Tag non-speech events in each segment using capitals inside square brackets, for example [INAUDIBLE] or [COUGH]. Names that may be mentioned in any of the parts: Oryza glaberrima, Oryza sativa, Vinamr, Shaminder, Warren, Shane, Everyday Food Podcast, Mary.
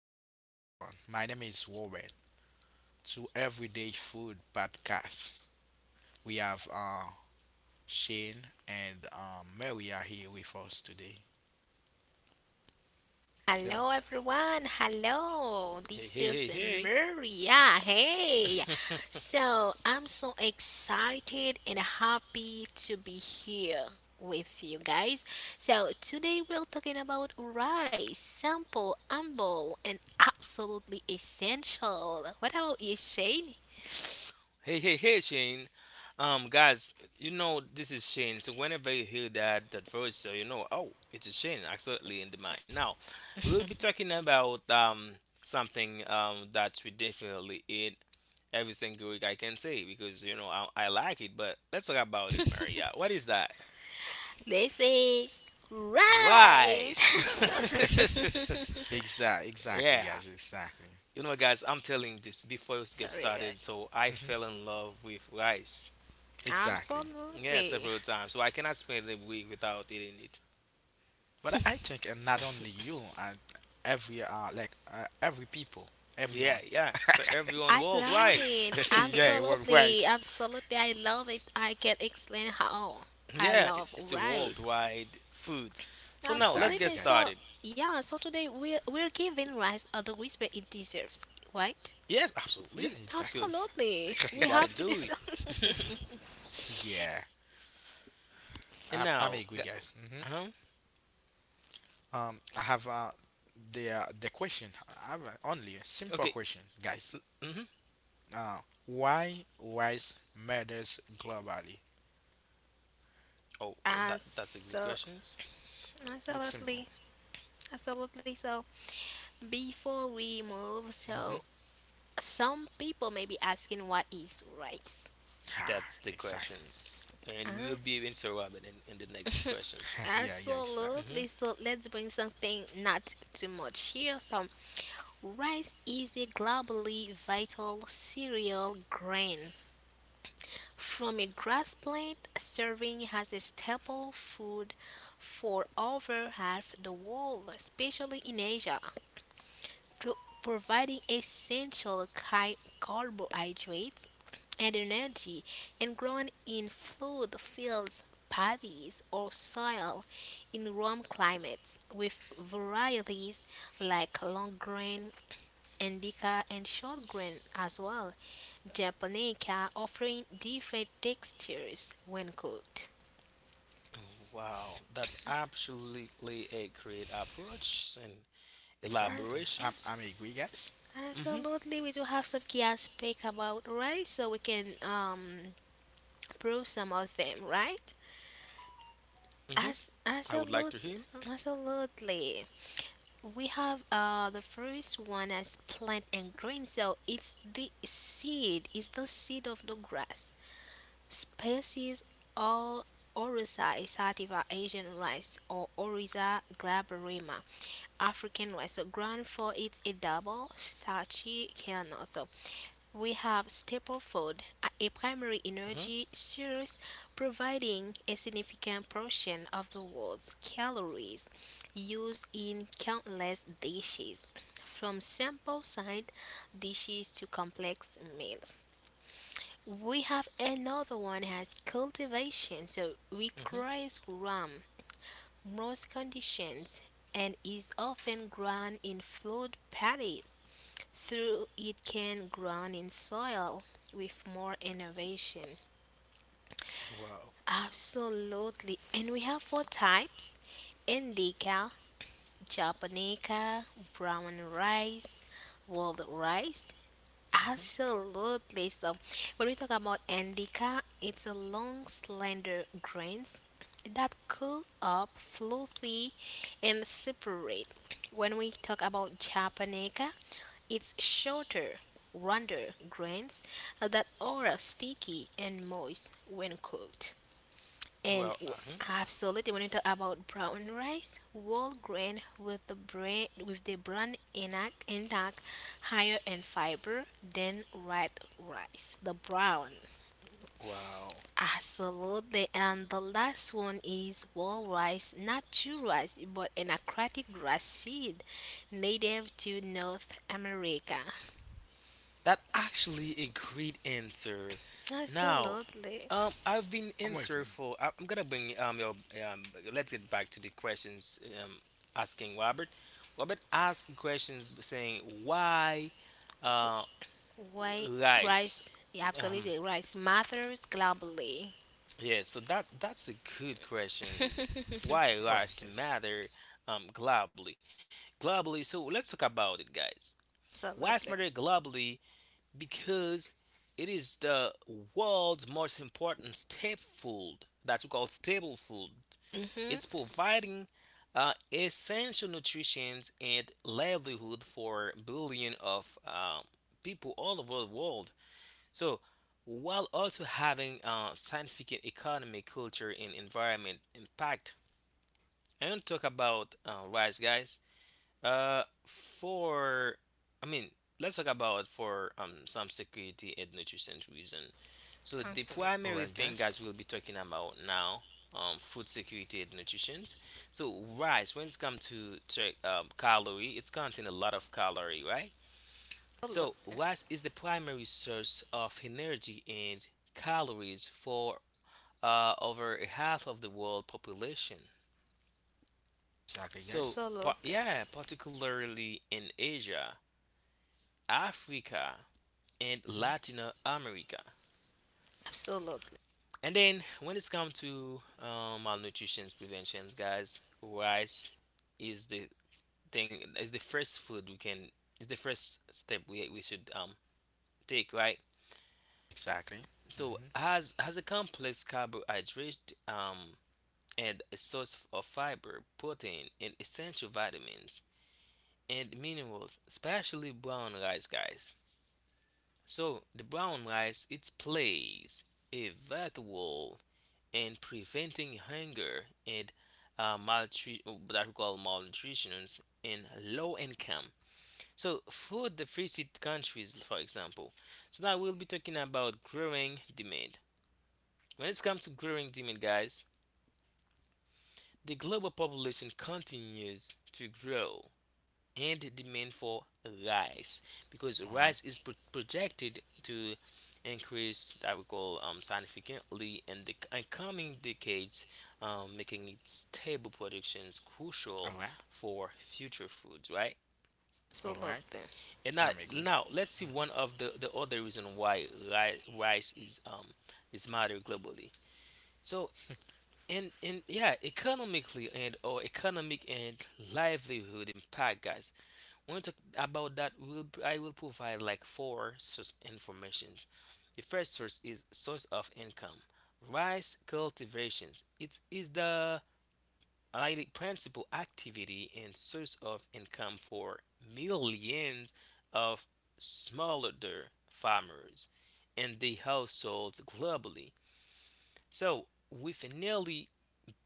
back, everyone. My name is Warren to Everyday Food Podcast. We have Shane and Mary are here with us today. Hello. Hello everyone, hello. Hey, This hey, hey, is hey. Maria. Hey. [LAUGHS] So, I'm so excited and happy to be here with you guys. So, today we're talking about rice, simple, humble, and absolutely essential. What about you, Shane? Hey, hey, hey, Shane. Guys, you know this is Shane. So whenever you hear that voice, oh, it's a Shane. Absolutely in the mic. Now, we will be [LAUGHS] talking about something that we definitely eat every single week. I can say because you know I like it. But let's talk about it, Maria. What is that? This is rice. Rice. [LAUGHS] [LAUGHS] Exactly, [LAUGHS] exactly, Yeah. guys, exactly. You know, guys, I'm telling this before you get Sorry, started. guys. So I hmm fell in love with rice. Exactly. Yeah, Absolutely. several times. So I cannot spend a week without eating it. But I think, and not only you, and every every people, Yeah, everyone. yeah. So everyone I love worldwide. it. [LAUGHS] Yeah, well, right. Absolutely. Absolutely. I love it. I can explain how [LAUGHS] I Yeah, love it's a rice. worldwide food. So now let's Exactly, get Absolutely. guys. So, started. yeah, so today we're giving rice the respect it deserves, right? Yes, Yeah, absolutely. exactly, Because Absolutely. we We exactly. gotta have to do do it. something. [LAUGHS] [LAUGHS] Yeah. [LAUGHS] And I'm now, agree, guys. Huh? I have the question. I have only a simple Okay. question, guys. Hmm. Uh, why rice matters globally? Oh, well, Uh, that's a good so, questions. It's simple. absolutely. Absolutely. So, before we move, so hmm some people may be asking what is rice? Ah, That's the exactly. questions, and we will As be answer Robin in the next questions. [LAUGHS] Yeah, yeah, exactly. Mm-hmm. Absolutely. So let's bring something not too much here. So rice is a globally vital cereal grain from a grass plant, serving as a staple food for over half the world, especially in Asia pro- providing essential carbohydrates and energy and grown in flood fields, paddies, or soil in warm climates with varieties like long grain, indica, and short grain as well, japonica offering different textures when cooked. Wow, that's absolutely a great approach and Exactly. I'm, elaborations. I'm agree, guys. Mhm, Absolutely, we do have some key aspect about rice, so we can prove some of them, right? mhm. As I would like to hear absolutely, that. absolutely. We have the first one as plant and grain. So it's the seed. It's the seed of the grass. Species all Oryza isativa Asian rice or Oryza glabrima African rice. So ground for it's a double starchy kernel. So we have staple food, a primary Mhm, energy source providing a significant portion of the world's calories used in countless dishes, from simple side dishes to complex meals. We have another one as cultivation, so mhm. requires warm, moist conditions and is often grown in flood paddies, though it can grown in soil with more innovation. Wow. Absolutely. And we have four types indica, japonica, brown rice, wild rice, Mhm. absolutely. So, when we talk about indica, it's a long, slender grains that curl up, fluffy, and separate. When we talk about japonica, it's shorter, rounder grains that are sticky and moist when cooked. And Well, w- uh-huh. absolutely, when you talk about brown rice, whole grain with the bran intact, higher in fiber than white rice. The brown, Wow. absolutely. And the last one is whole rice, not true rice, but an aquatic grass seed, native to North America. That actually a great answer. Now, Absolutely, I've been I'm answer agree. for. I'm gonna bring your um. Let's get back to the questions asking Robert. Robert asked questions saying why, um, white rice rice, um absolutely, rice matters globally. yeah, so that's a good questions, [LAUGHS] why All right, rice guys. matter um globally globally. So let's talk about it, guys. Rice matter Absolutely. globally because it is the world's most important staple food, that we call staple food. It's Mm-hmm. providing essential nutrition and livelihood for billion of people all over the world. So, while also having scientific, economic, culture, and environment impact, I want to talk about rice, guys. For I mean, let's talk about for some security and nutrition reason. So the Absolutely. All primary right, thing, guys. guys, we'll be talking about now, food security and nutrition. So rice, when it's come to check calorie, it's contain a lot of calorie, right? So, rice is the primary source of energy and calories for over half of the world population. Exactly, guys. So, Absolutely. yeah, particularly in Asia, Africa, and hmm Latin America. Absolutely. And then when it's come to malnutrition preventions, guys, rice is the thing, is the first food we can, is the first step we should take, right? Exactly. So hmm has a complex carbohydrate, and a source of fiber, protein, and essential vitamins and minerals, especially brown rice, guys. So the brown rice, it plays a vital role in preventing hunger and malnutrition, that we call malnutrition, in low income. So food deficit countries, for example. So now we'll be talking about growing demand. When it comes to growing demand, guys, the global population continues to grow and demand for rice, because All right. rice is projected to increase, that we call significantly, in the in coming decades, making its stable productions All crucial right. for future foods, right? All right. Absolutely. And now, I'm agree. Let's see hmm one of the other reason why rice is matter globally. So, and yeah, economically, and or economic and livelihood impact, guys. When we talk about that, we'll I will provide like four source informations. The first source is source of income. Rice cultivations, it is the, like, the principal activity and source of income for millions of smallholder farmers and the households globally, so with nearly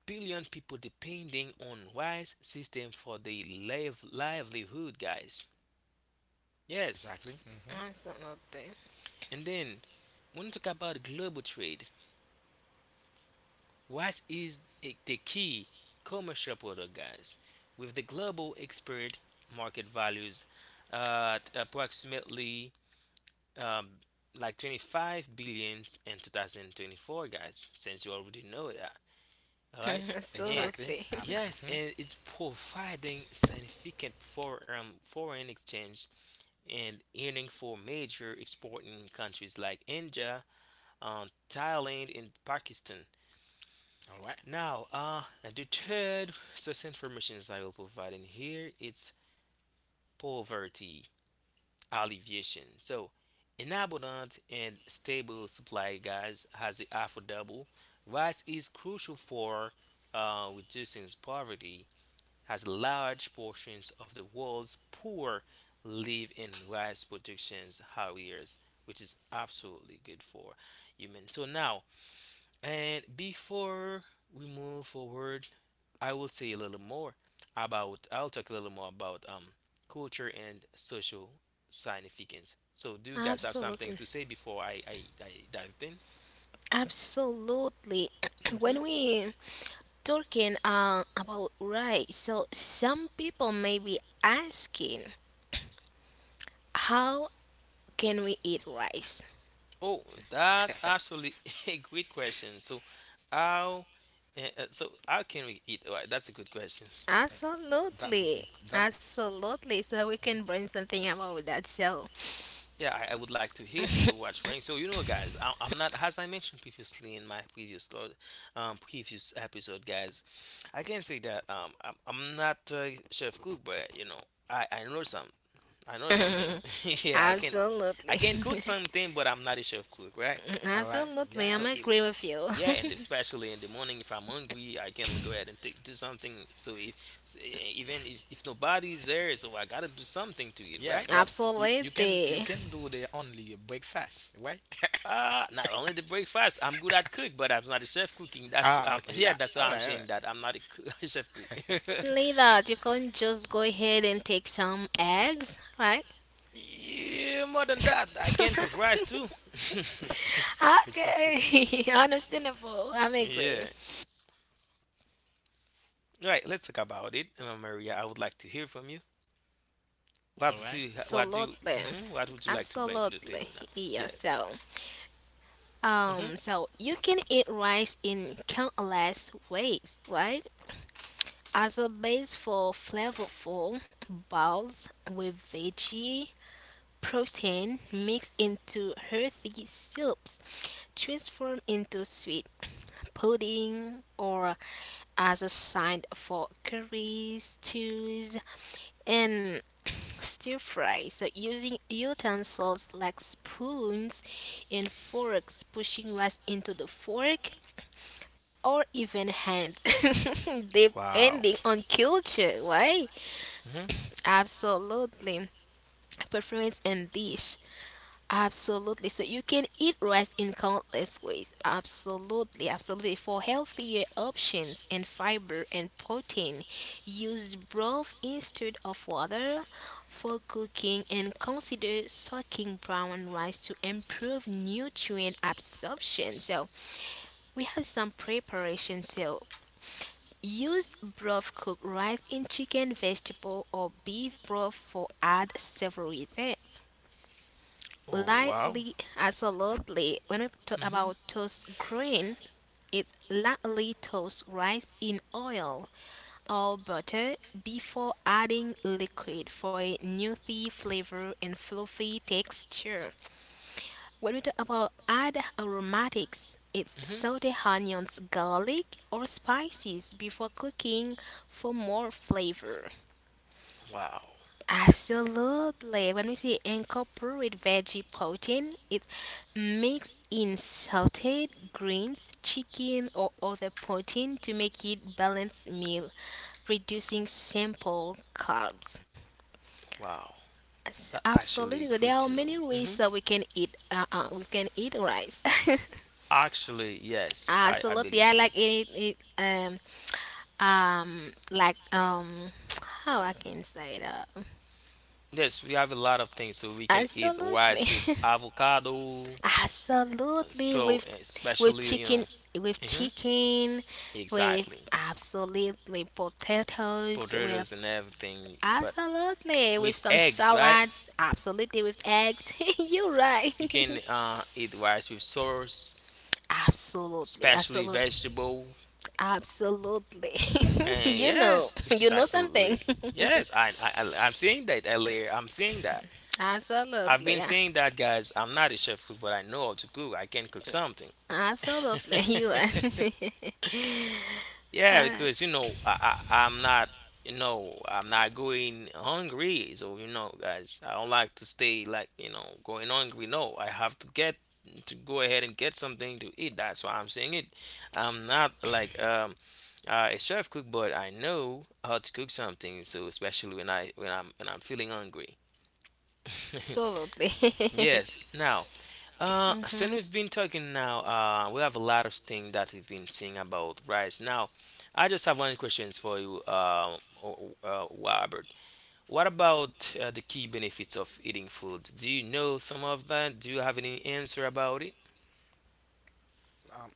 billion people depending on rice system for their livelihood, guys. Yes. Exactly. Absolutely. Absolutely. And then when we talk about global trade, rice is the key commercial product, guys, with the global export market values at approximately um, like 25 billions in 2024, guys, since you already know that. All right, [LAUGHS] and Exactly. Absolutely. I'm. yes, Mhm. and it's providing significant for foreign exchange and earning for major exporting countries like India, Thailand, and Pakistan. All right. Now, the third source informations I will provide in here is poverty alleviation. So, an abundant and stable supply, guys, has a affordable. Rice is crucial for reducing poverty, as large portions of the world's poor live in rice production areas, which is absolutely good for humans. So now, and before we move forward, I will say a little more about. I'll talk a little more about culture and social significance. So, do you guys have something [LAUGHS] Absolutely. to say before I dive in? Absolutely. [CLEARS THROAT] Hmm. When we talking about rice, so some people may be asking, how can we eat rice? Oh, that's actually [LAUGHS] a great question. So, how, so how can we eat? That's a good question. That is it. Absolutely. That Absolutely. So we can bring something about that. So Yeah, I would like to hear what you're. So, you know, guys, I'm not, as I mentioned previously in my previous, previous episode, guys, I can say that I'm not a chef cook, but I know some, I know something. [LAUGHS] [LAUGHS] Yeah, I absolutely. can, cook something, but I'm not a chef cook, right? [LAUGHS] All right. Absolutely. Yeah. I'm So, it, agree with you. yeah, [LAUGHS] and especially in the morning, if I'm hungry, I can go ahead and do something. So if even if nobody's there, so I gotta do something to eat, Yeah, right? but you, Absolutely. you can you The can do the only breakfast, right? Not only the breakfast. I'm good at cook, but I'm not a chef cooking. That's Ah, [LAUGHS] okay. yeah, Yeah. that's why All I'm right. All right. saying that I'm not a [LAUGHS] chef cook. only that you can just go ahead and take some eggs, right? [LAUGHS] Yeah, more than that, I can cook rice too. Exactly. Okay, [LAUGHS] understandable. I'm [LAUGHS] agree. Yeah, right. Let's talk about it, Maria. I would like to hear from you. All What do right. you, what do Absolutely. mhm, what would you like to bring to the Absolutely. table now? Yeah, Yeah. so Mm-hmm. So you can eat rice in countless ways, right? As a base for flavorful bowls with veggie protein mixed into healthy soups transformed into sweet pudding or as a side for curries, stews, and [CLEARS THROAT] stir fry. So using utensils like spoons and forks, pushing rice into the fork or even hands, [LAUGHS] [LAUGHS] Wow. depending on culture, right? Hmm. Absolutely. Preference and dish. Absolutely. So you can eat rice in countless ways. Absolutely, absolutely. For healthier options and fiber and protein, use broth instead of water for cooking and consider soaking brown rice to improve nutrient absorption. So we have some preparation. So use broth cooked rice in chicken, vegetable, or beef broth for add savory Oh, wow. lightly, absolutely. When we talk hmm about toast green, it's lightly toast rice in oil or butter before adding liquid for a nutty flavor and fluffy texture. When we talk about add aromatics, it's about this, saute onions, garlic, or spices before cooking for more flavor. hmm, wow. Absolutely. When we say incorporate veggie protein, it mixed in sauteed greens, chicken, or other protein to make it balanced meal, reducing simple carbs. Wow. Yes, That actually absolutely. There good are to know. many Hmm. ways that we can eat. We can eat rice. [LAUGHS] Actually, [LAUGHS] yes, I Absolutely. believe I so. like it. Like [TSK] how I can say that. Like in yes, we have a lot of things, so we can eat Absolutely. rice with, absolutely, [LAUGHS] avocado. Absolutely. Absolutely, So with especially, chicken, with with chicken, with exactly. absolutely potatoes, Potatoes with and everything, but absolutely with with some eggs, right? salads, absolutely with eggs. [LAUGHS] You're right. You can [LAUGHS] eat rice with sauce, Absolutely, especially absolutely, vegetable, absolutely. [LAUGHS] and you know, yes, [LAUGHS] which you is know something. absolutely yes. I'm seeing that earlier. I'm seeing that. [LAUGHS] I've absolutely, been yeah. seeing that, guys. I'm not a chef cook, but I know how to cook. I can cook something. absolutely. [LAUGHS] You are [LAUGHS] [LAUGHS] Yeah, because you absolutely, know, I'm not, I'm not going hungry. So guys, I don't like to stay like going hungry. No, I have to get to go ahead and get something to eat. That's why I'm saying it. I'm not like a chef cook, but I know how to cook something. So especially when I'm feeling hungry. [LAUGHS] Yes. Now, [LAUGHS] since hmm we've been talking now, we have a lot of things that we've been seeing about rice. Now, I just have one questions for you, Robert. What about the key benefits of eating food? Do you know some of that? Do you have any answer about it? Um,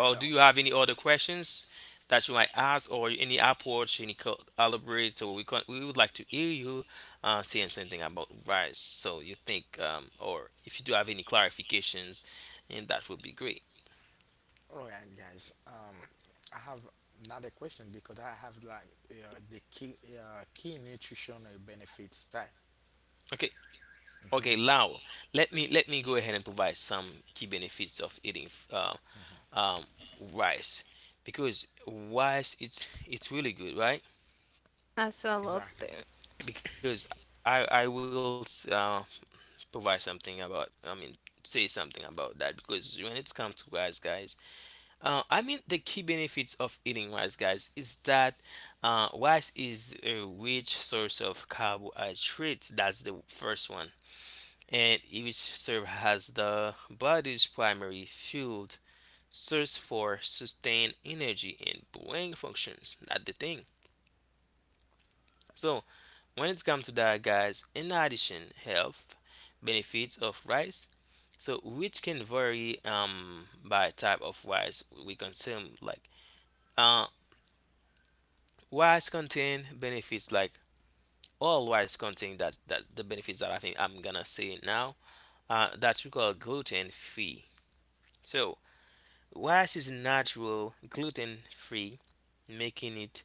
hello. do you have any other questions that you might ask, or any approach, any elaborate? So we would like to hear you saying something about rice. So you think, or if you do have any clarifications, and that would be great. All right, guys. I have another question because I have like the key nutritional benefits type. Okay. Okay, hmm now let me go ahead and provide some key benefits of eating um, rice, because rice, it's really good, right? Exactly. Absolutely. Because I will uh, provide something about, I mean, say something about that, because when it's come to rice, guys, I mean, the key benefits of eating rice, guys, is that rice is a rich source of carbohydrates, that's the first one, and each serve has the body's primary fuel source for sustained energy and brain functions, that's the thing. So when it comes to that, guys, in addition, health benefits of rice, so which can vary by type of rice we consume. Like uh, rice contain benefits like all rice contain, that the benefits that I think I'm gonna say now. That's, we call, gluten free. So rice is natural, gluten free, making it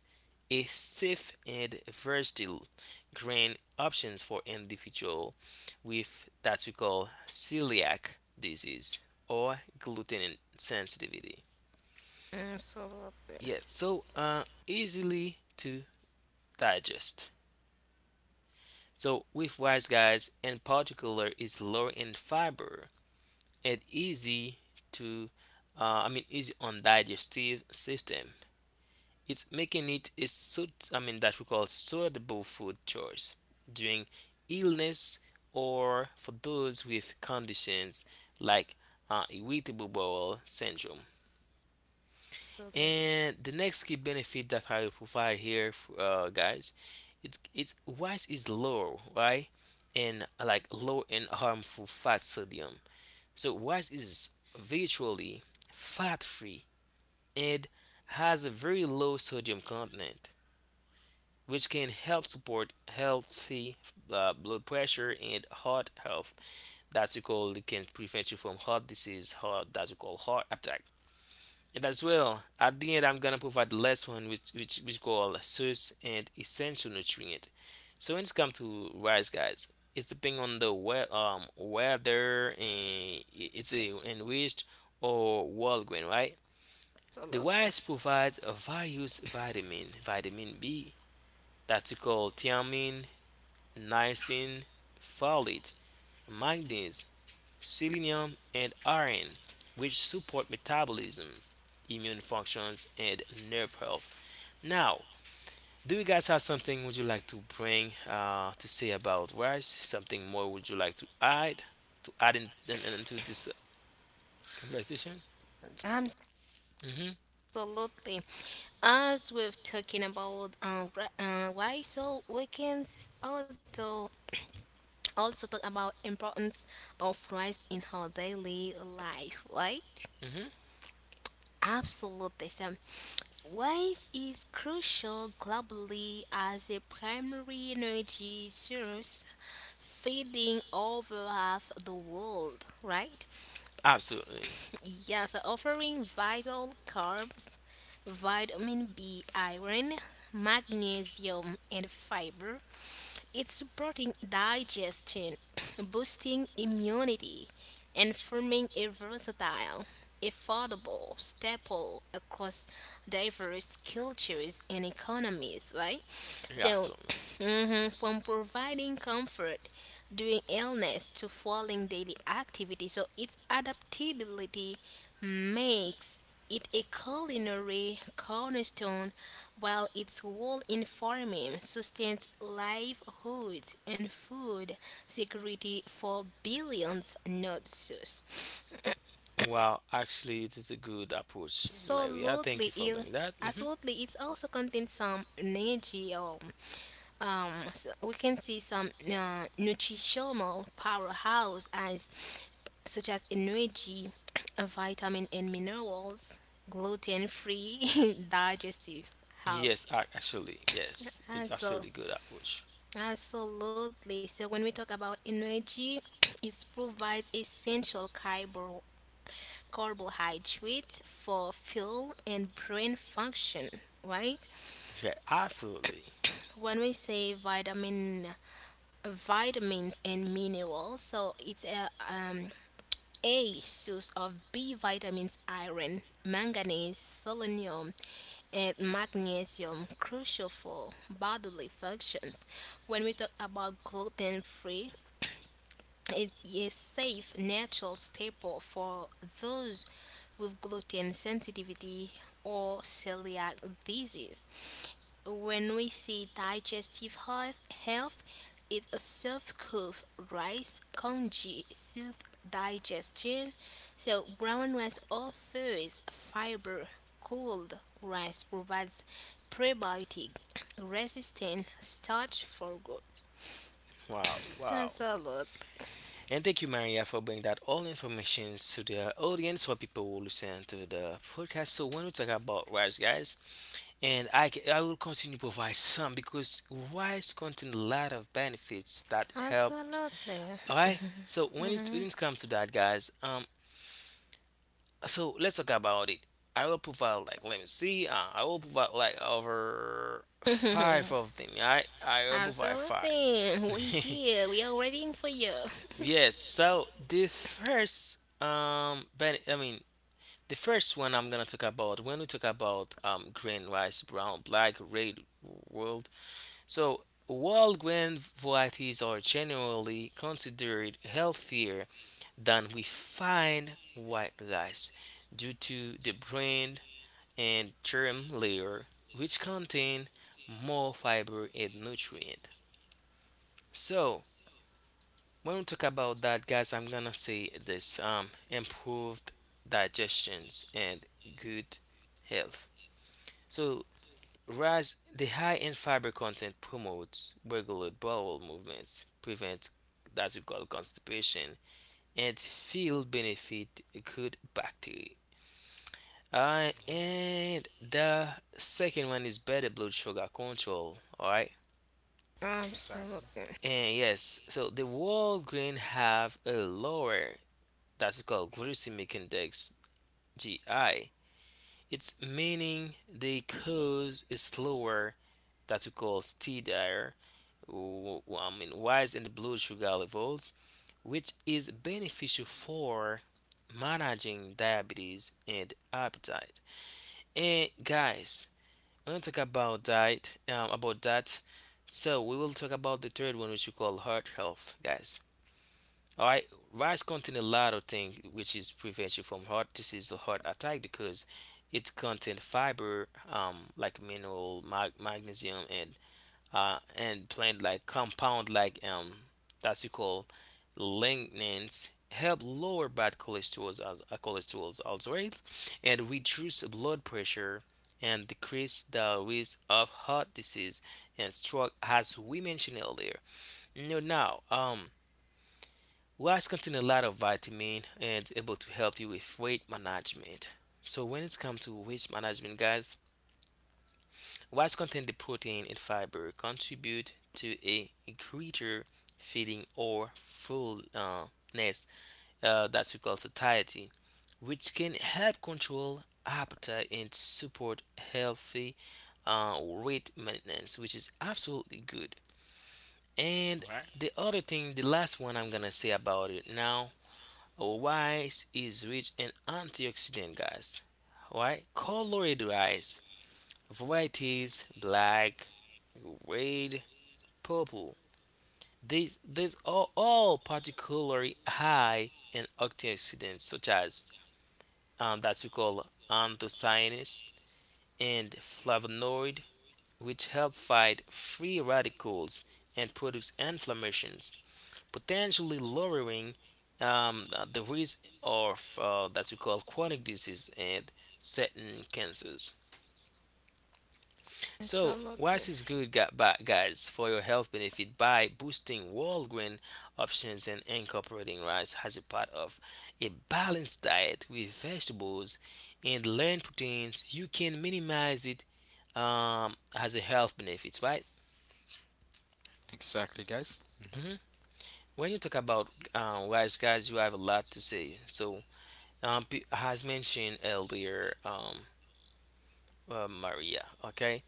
a safe and versatile grain options for individual with, that we call, celiac disease or gluten sensitivity. Absolutely. Yeah, so easily to digest. So with rice, guys, in particular, is low in fiber and easy to, I mean, easy on digestive system. It's making it a I mean, that we call suitable food choice during illness or for those with conditions like irritable bowel syndrome. Absolutely. And the next key benefit that I will provide here, guys, it's rice is low, right? And like low in harmful fat sodium. So rice is virtually fat free and has a very low sodium content, which can help support healthy blood pressure and heart health. That you call, it can prevent you from heart disease, heart, that you call, heart attack. And as well, at the end, I'm gonna provide the last one, which call source and essential nutrient. So when it's come to rice, guys, it's depending on the weather and it's a enriched or well grain, right? The Absolutely. rice provides a various vitamin, vitamin B, that's called thiamine, niacin, folate, manganese, selenium, and iron, which support metabolism, immune functions, and nerve health. Now, do you guys have something would you like to bring to say about rice? Something more would you like to add into this conversation? hmm Absolutely. As we've talking about why so we can also talk about importance of rice in our daily life, right? hmm Absolutely. So rice is crucial globally as a primary energy source feeding over half the world, right? Absolutely, Yeah, so offering vital carbs, vitamin B, iron, magnesium, and fiber. It's supporting digestion, [COUGHS] [CLEARS THROAT] boosting immunity, and forming a versatile affordable staple across diverse cultures and economies, right? yeah, So, [CLEARS THROAT] absolutely. mhm, from providing comfort during illness to following daily activity, so its adaptability makes it a culinary cornerstone while its role in farming sustains livelihoods and food security for billions not us. Well, actually, it is a good approach, Maria. Thank Absolutely, you for it bringing that. Mhm. absolutely it also contains some energy. So we can see some nutritional powerhouse as such as energy, [CLEARS THROAT] vitamin and minerals, gluten-free, [LAUGHS] digestive health. Yes, actually, yes, it's And so, absolutely good approach. absolutely. So when we talk about energy, [CLEARS THROAT] it provides essential carbohydrate for fuel and brain function, right? Yeah, absolutely. When we say vitamins and minerals, so it's a source of B vitamins, iron, manganese, selenium, and magnesium, crucial for bodily functions. When we talk about gluten free, it is safe natural staple for those with gluten sensitivity or celiac disease. When we see digestive health it's a soft cooked rice congee soothe digestion. So brown rice offers fiber. Cold rice provides prebiotic resistant starch for good. Wow, wow. That's a lot. And thank you, Maria, for bringing that all information to the audience for people who listen to the podcast. So when we talk about rice, guys, and I will continue to provide some because rice contain a lot of benefits that helps. Absolutely. All right. So when it's when Mhm. it comes to that, guys, so let's talk about it. I will provide like let me see. I will provide like over five [LAUGHS] of them. I will provide five. Absolutely. We [LAUGHS] here. We are waiting for you. Yes. So the first ben, I mean the first one I'm gonna talk about when we talk about grain, rice, brown, black, red, world. So world grain varieties are generally considered healthier than we find white rice due to the bran and germ layer, which contain more fiber and nutrient. So when we talk about that, guys, I'm gonna say this: improved digestions and good health. So rise the high in fiber content promotes regular bowel movements, prevents that we call constipation, and feel benefit good bacteria. And the second one is better blood sugar control. All right. Exactly. Absolutely. And yes, so the world grain have a lower that's called glycemic index GI. It's meaning they cause a slower that we call steadier, I mean, rise in the blood sugar levels, which is beneficial for managing diabetes and appetite. And guys, I'm gonna talk about that. So we will talk about the third one, which we call heart health, guys. All right, rice contain a lot of things which is prevent you from heart disease or heart attack because it contain fiber, like mineral, magnesium, and plant like compound like that's you call lignans help lower bad cholesterol as cholesterols also, right? And reduce blood pressure and decrease the risk of heart disease and stroke, as we mentioned earlier. Now now Rice contain a lot of vitamin and able to help you with weight management. So when it's come to weight management, guys, whilst contain the protein and fiber contribute to a greater feeling or fullness, that we call satiety, which can help control appetite and support healthy weight maintenance, which is absolutely good. All And right. the other thing, the last one I'm gonna say about it now, rice is rich in antioxidant, guys. All right? Colored rice varieties black, red, purple. These are all particularly high in antioxidants such as that we call anthocyanins and flavonoid, which help fight free radicals and produce inflammations, potentially lowering um, the risk of that we call chronic disease and certain cancers. So, Absolutely. rice is good, guys, for your health benefit by boosting whole grain options and incorporating rice as a part of a balanced diet with vegetables and lean proteins. You can minimize it as a health benefits, right? Exactly, guys. hmm When you talk about rice, guys, you have a lot to say. So, as mentioned earlier, Maria, okay?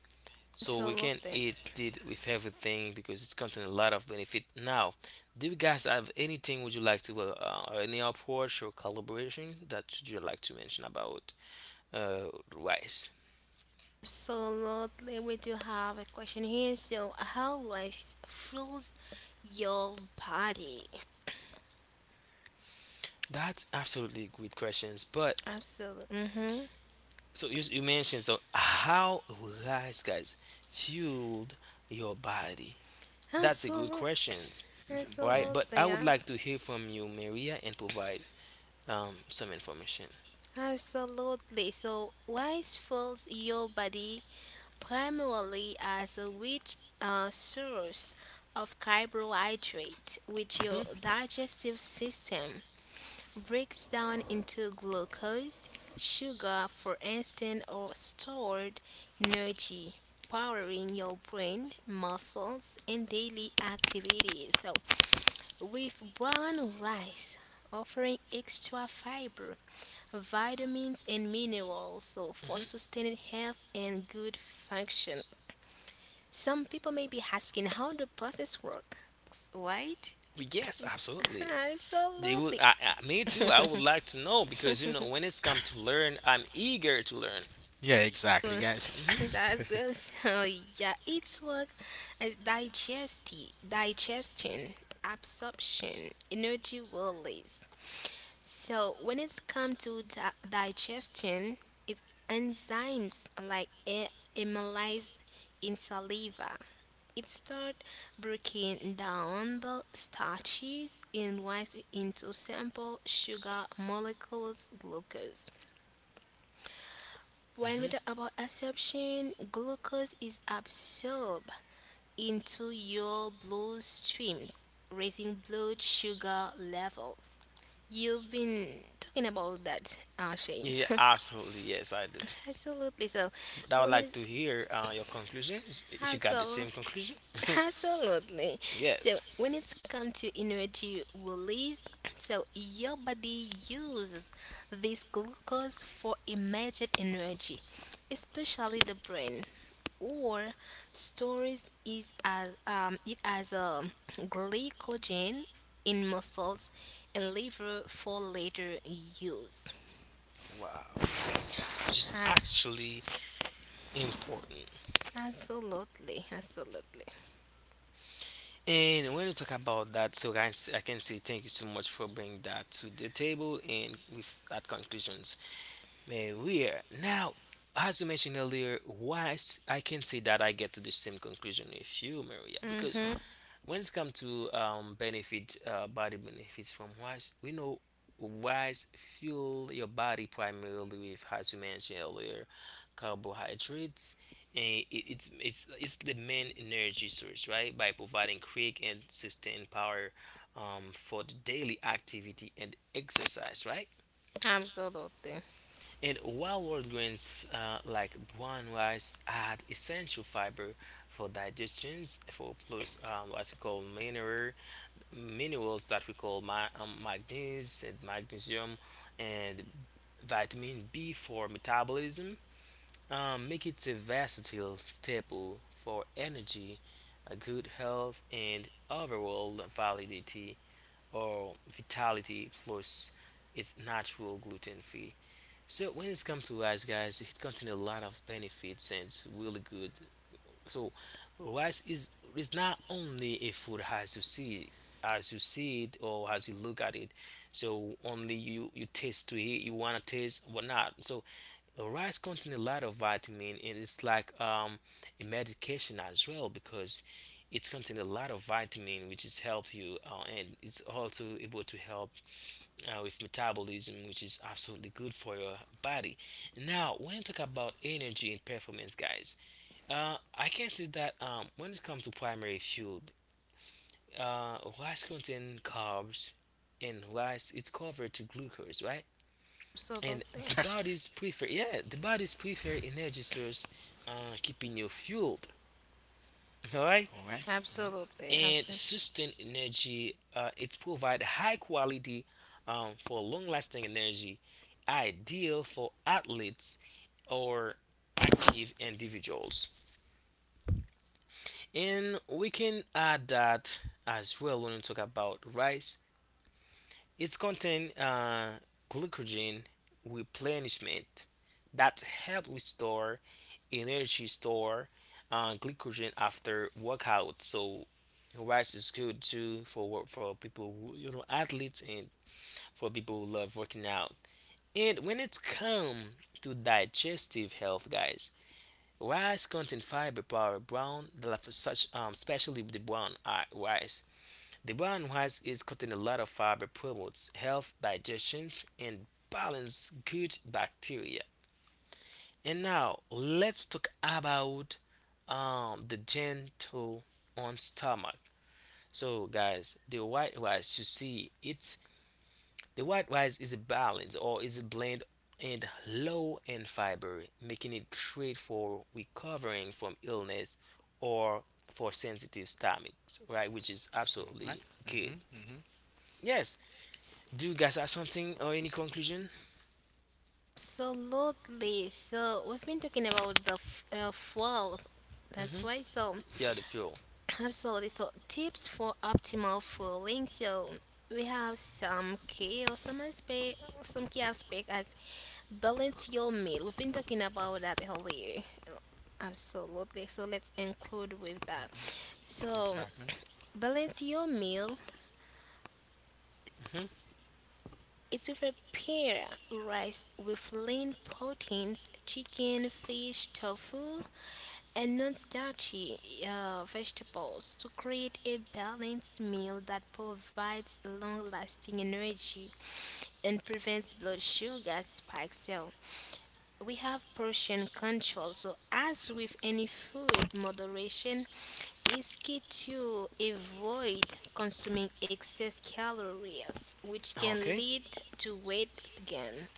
So we can Absolutely. eat it with everything because it's contain a lot of benefit. Now, do you guys have anything would you like to any approach or collaboration that you like to mention about uh, rice? Absolutely. We do have a question here. So, how rice fuels your body? That's absolutely good questions. But Absolutely. Mm-hmm. so you mentioned so how rice guys fueled your body? That's a good Absolutely. questions, [LAUGHS] Yeah. right? Absolutely. But I would like to hear from you, Maria, and provide some information. Absolutely. So, rice fills your body primarily as a rich source of carbohydrate, which hmm your digestive system breaks down into glucose, sugar, for instance, or stored energy, powering your brain, muscles, and daily activities. So, with brown rice, offering extra fiber, vitamins, and minerals so for hmm sustained health and good function. Some people may be asking how the process works, right? Yes, [LAUGHS] absolutely. They would. Absolutely. Me too. I would like to know because you know when it's come to learn, I'm eager to learn. Yeah. Exactly, guys. [LAUGHS] hmm [LAUGHS] That's good. So [LAUGHS] yeah, it's work as digestion, absorption, energy release. So when it's come to digestion, it enzymes like amylase in saliva. It start breaking down the starches and rice into simple sugar molecules, glucose. When we hmm talk about absorption, glucose is absorbed into your bloodstreams, raising blood sugar levels. You've been talking about that, Shane. Yeah, [LAUGHS] absolutely. Yes, I do. absolutely. So, But I would when we like to hear your conclusions. If you got the absolutely, same conclusion, [LAUGHS] absolutely. So yes. when it's come to energy release, so your body uses this glucose for immediate energy, especially the brain, or stores is as it as a glycogen in muscles and liver for later use. Wow, which is Ah, actually important. absolutely, absolutely. And when you talk about that, so guys, I can say thank you so much for bringing that to the table and with that conclusions. Man, we are now, as you mentioned earlier, I can say that I get to the same conclusion with you, Maria, because Mhm. when it's come to benefit, body benefits from rice, we know rice fuel your body primarily with, as you mentioned earlier, carbohydrates, and it, it's the main energy source, right? By providing quick and sustained power for the daily activity and exercise, right? Absolutely. And while whole grains like brown rice add essential fiber for digestions, for plus what we call minerals that we call manganese and magnesium and vitamin B for metabolism, make it a versatile staple for energy, good health, and overall validity or vitality. Plus, it's natural gluten free. So when it's come to rice, guys, it contains a lot of benefits and it's really good. So rice is not only a food as you see it or as you look at it. So only you taste to it, you wanna taste or not. So rice contains a lot of vitamin and it's like a medication as well because it contains a lot of vitamin which is help you and it's also able to help with metabolism, which is absolutely good for your body. Now, when you talk about energy and performance, guys, I can say that when it comes to primary fuel, rice contains carbs, and rice it's covered to glucose, right? And Absolutely. The body's prefer energy source, keeping you fueled, [LAUGHS] all right? All right. Absolutely. And Absolutely. sustain energy. It provides high quality for long lasting energy, ideal for athletes or active individuals. And we can add that as well when we talk about rice. It's contain glycogen replenishment that help restore energy store glycogen after workout. So rice is good too for people who, you know, athletes and for people who love working out. And when it's come to digestive health, guys, rice contain fiber power brown for such especially the brown rice, the brown rice is contain a lot of fiber, promotes health digestions and balance good bacteria. And now let's talk about the gentle on stomach. So, guys, the white rice you see it's the white rice is a balance or is a blend and low in fiber, making it great for recovering from illness or for sensitive stomachs, right? Which is All right. absolutely Mm-hmm. good. Mm-hmm. Yes. Do you guys have something or any conclusion? Absolutely. So we've been talking about the fall. Hmm That's why. So Yeah, the fuel. [CLEARS THROAT] absolutely. So tips for optimal falling. So we have some key or some aspect, some key aspect as balance your meal. We've been talking about that earlier. Absolutely. So let's include with that. So Exactly. balance your meal Hmm it's with a pair rice with lean proteins, chicken, fish, tofu, and non-starchy vegetables to create a balanced meal that provides long-lasting energy and prevents blood sugar spikes. So we have portion control. So, as with any food, moderation is key to avoid consuming excess calories, which can Okay. lead to weight gain.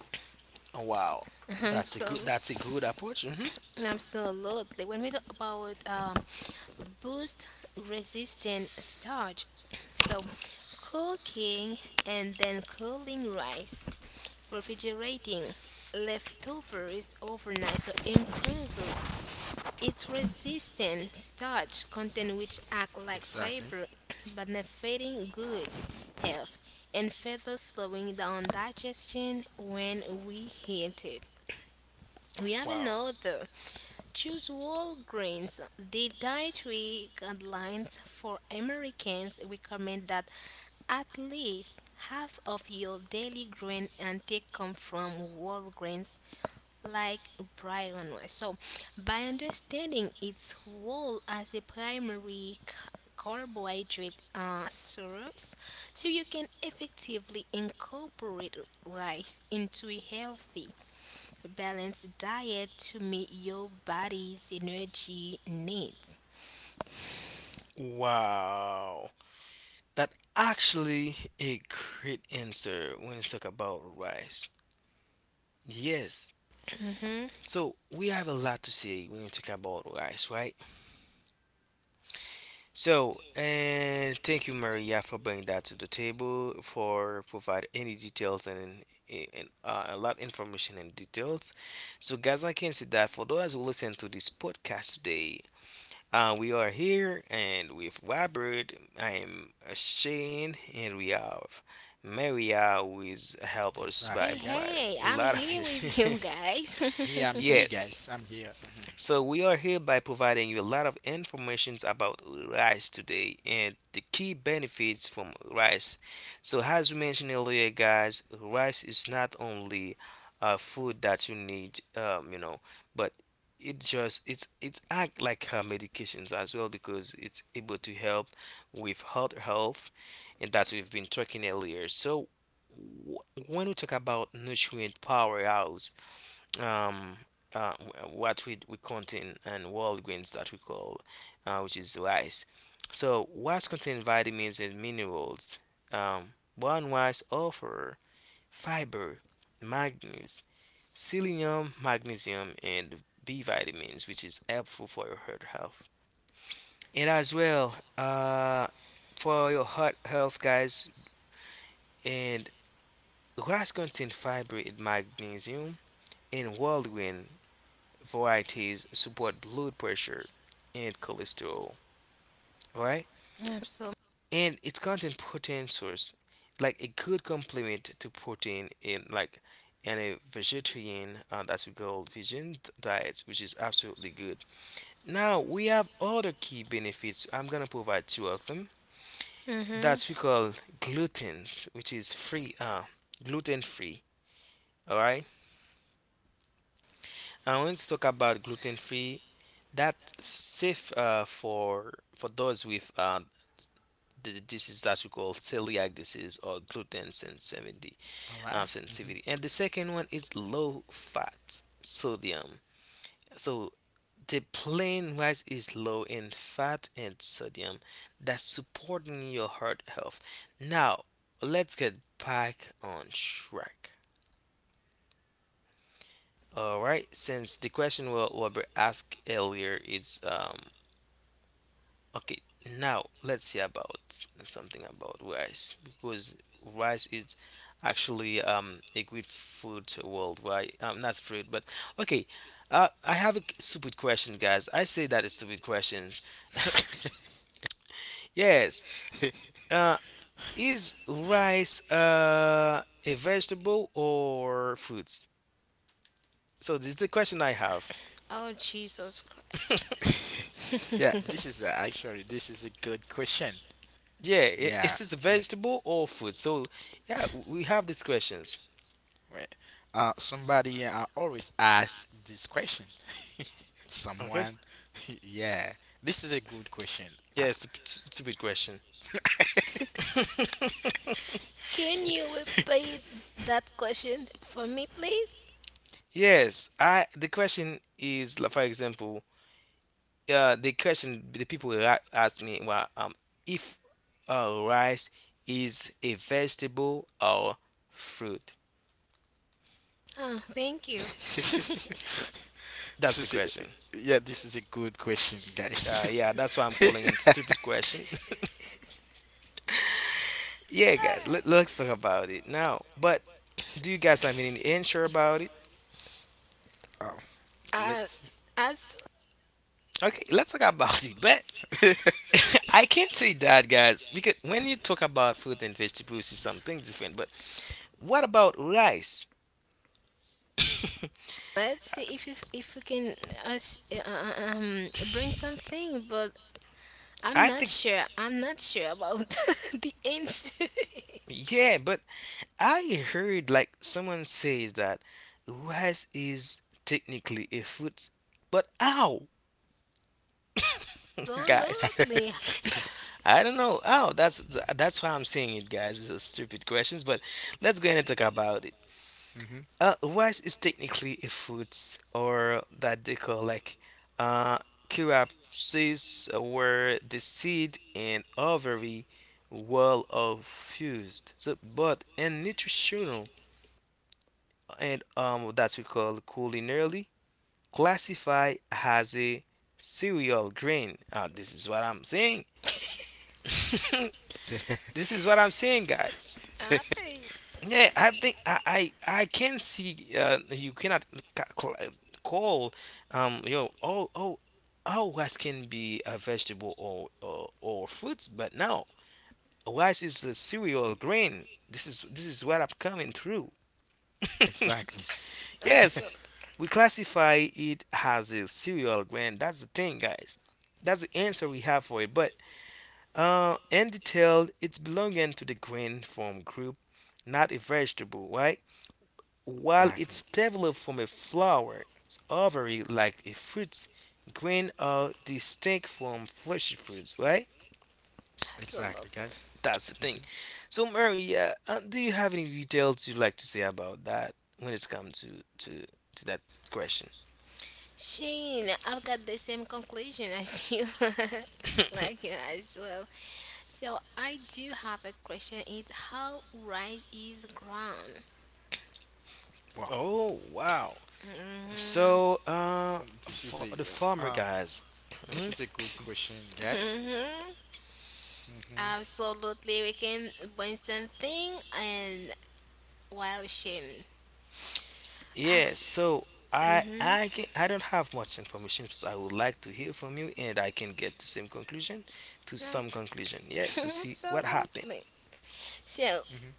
Oh, wow. [LAUGHS] That's a good. so, That's a good approach. Hmm absolutely. When we talk about boost resistant starch, [CLEARS THROAT] so cooking and then cooling rice, refrigerating leftovers overnight, so increases it's resistant starch content which act like Exactly. fiber, [CLEARS THROAT] benefiting good health and further slowing down digestion when we eat it. We have Wow. another. Choose whole grains. The dietary guidelines for Americans recommend that at least half of your daily grain intake come from whole grains like Brian was. So, by understanding its role as a primary carbohydrate source, so you can effectively incorporate rice into a healthy, balanced diet to meet your body's energy needs. Wow. That actually a great answer when you talk about rice. Yes. hmm So we have a lot to say when you talk about rice, right? So and thank you, Maria, for bringing that to the table, for provide any details and, a lot information and details. So guys, I can see that for those who listen to this podcast today, we are here and with Robert. I am Shane, and we have Maria, who is help us by Hey, Exactly, guys. providing hey, a I'm lot of [LAUGHS] here with you it. guys. Here I'm here, Yes. guys. I'm here. Mhm. So we are here by providing you a lot of informations about rice today and the key benefits from rice. So as we mentioned earlier, guys, rice is not only a food that you need, you know, but it's act like medications as well because it's able to help with heart health and that we've been talking earlier. So w- when we talk about nutrient powerhouse um what we contain and world grains that we call which is rice. So rice contain vitamins and minerals. Brown rice offer fiber, manganese, selenium, magnesium, and B vitamins, which is helpful for your heart health. And as well for your heart health, guys, and rice contain fiber and magnesium, and world grain varieties support blood pressure and cholesterol. All right, [LAUGHS] Absolutely. and it's content protein source, like a good complement to protein in like in a vegetarian that's we call vegan diets, which is absolutely good. Now we have other key benefits. I'm gonna provide two of them. hmm That's we call gluten's, which is free, gluten free. All right. I want to talk about gluten free. That safe for those with the disease that we call celiac disease or gluten sensitivity. All right. Mhm. And the second one is low fat sodium. So the plain rice is low in fat and sodium, that's supporting your heart health. Now, let's get back on track. All right, since the question we were asked earlier, it's Okay, now let's see about something about rice because rice is actually a good food worldwide. Not food, but okay. I have a stupid question, guys. I say that is stupid questions. [LAUGHS] Yes. Uh, is rice a vegetable or fruits? So this is the question I have. Oh, Jesus Christ. Yeah, [LAUGHS] this is actually this is a good question. Yeah, Yeah. is it a vegetable or food? So yeah, we have these questions. Wait. Somebody always asks this question. Okay. Someone? [LAUGHS] Yeah, this is a good question. Yeah, Ah. it's a stupid question. [LAUGHS] Can you repeat that question for me, please? Yes, I the question is like, for example, the question the people will ask me, well, if rice is a vegetable or fruit. Oh, thank you. [LAUGHS] this That's the is a, question. yeah, this is a good question, guys. Yeah, that's why I'm [LAUGHS] calling it stupid question. [LAUGHS] Yeah, guys, [LAUGHS] let's talk about it now. But do you guys have any answer about it? um, uh, let's. as Okay, let's talk about it. But [LAUGHS] I can't say that, guys, because when you talk about fruit and vegetables, it's something different. But what about rice? let's see if you, if we can us bring something, but I'm I not think sure. I'm not sure about [LAUGHS] the answer. [LAUGHS] [LAUGHS] yeah, but I heard like someone says that rice is technically a fruit, but how, [LAUGHS] guys? Absolutely. I don't know. Oh, that's why I'm saying it, guys. It's a stupid questions, but let's go ahead and talk about it. hmm Rice is technically a fruit, or that they call like uh, curiaceae, where the seed and ovary wall are fused. So, but in nutritional and that we call culinarily classify as a cereal grain. This is what I'm saying. This is what I'm saying, guys. I Yeah, I think I can see, you cannot ca- cl- uh, call yo oh oh oh rice can be a vegetable or fruits, but no, rice is a cereal grain. This is what I'm coming through. Exactly. Yes, absolutely. we classify it as a cereal grain. That's the thing, guys. That's the answer we have for it. But in detailed, it's belonging to the grain form group, not a vegetable, right? While it's Exactly. developed from a flower's ovary like a fruit, grain are distinct from fleshy fruits, right? Exactly, Absolutely. guys. That's the thing. So, Maria, do you have any details you'd like to say about that when it's come to to that question? Shane, I've got the same conclusion as you. [LAUGHS] like you as well. So I do have a question. It's how rice is ground. Wow. Oh, wow. Hmm So, this for is the farmer a. guys, mhm. This is a good question, guys. hmm [LAUGHS] Mm-hmm. Absolutely, we can bring something and while sharing. Yeah, Abs- so hmm I don't have much information, so I would like to hear from you, and I can get to same conclusion, to some conclusion. [LAUGHS] Yes, to see what happened. Absolutely. So Mm-hmm.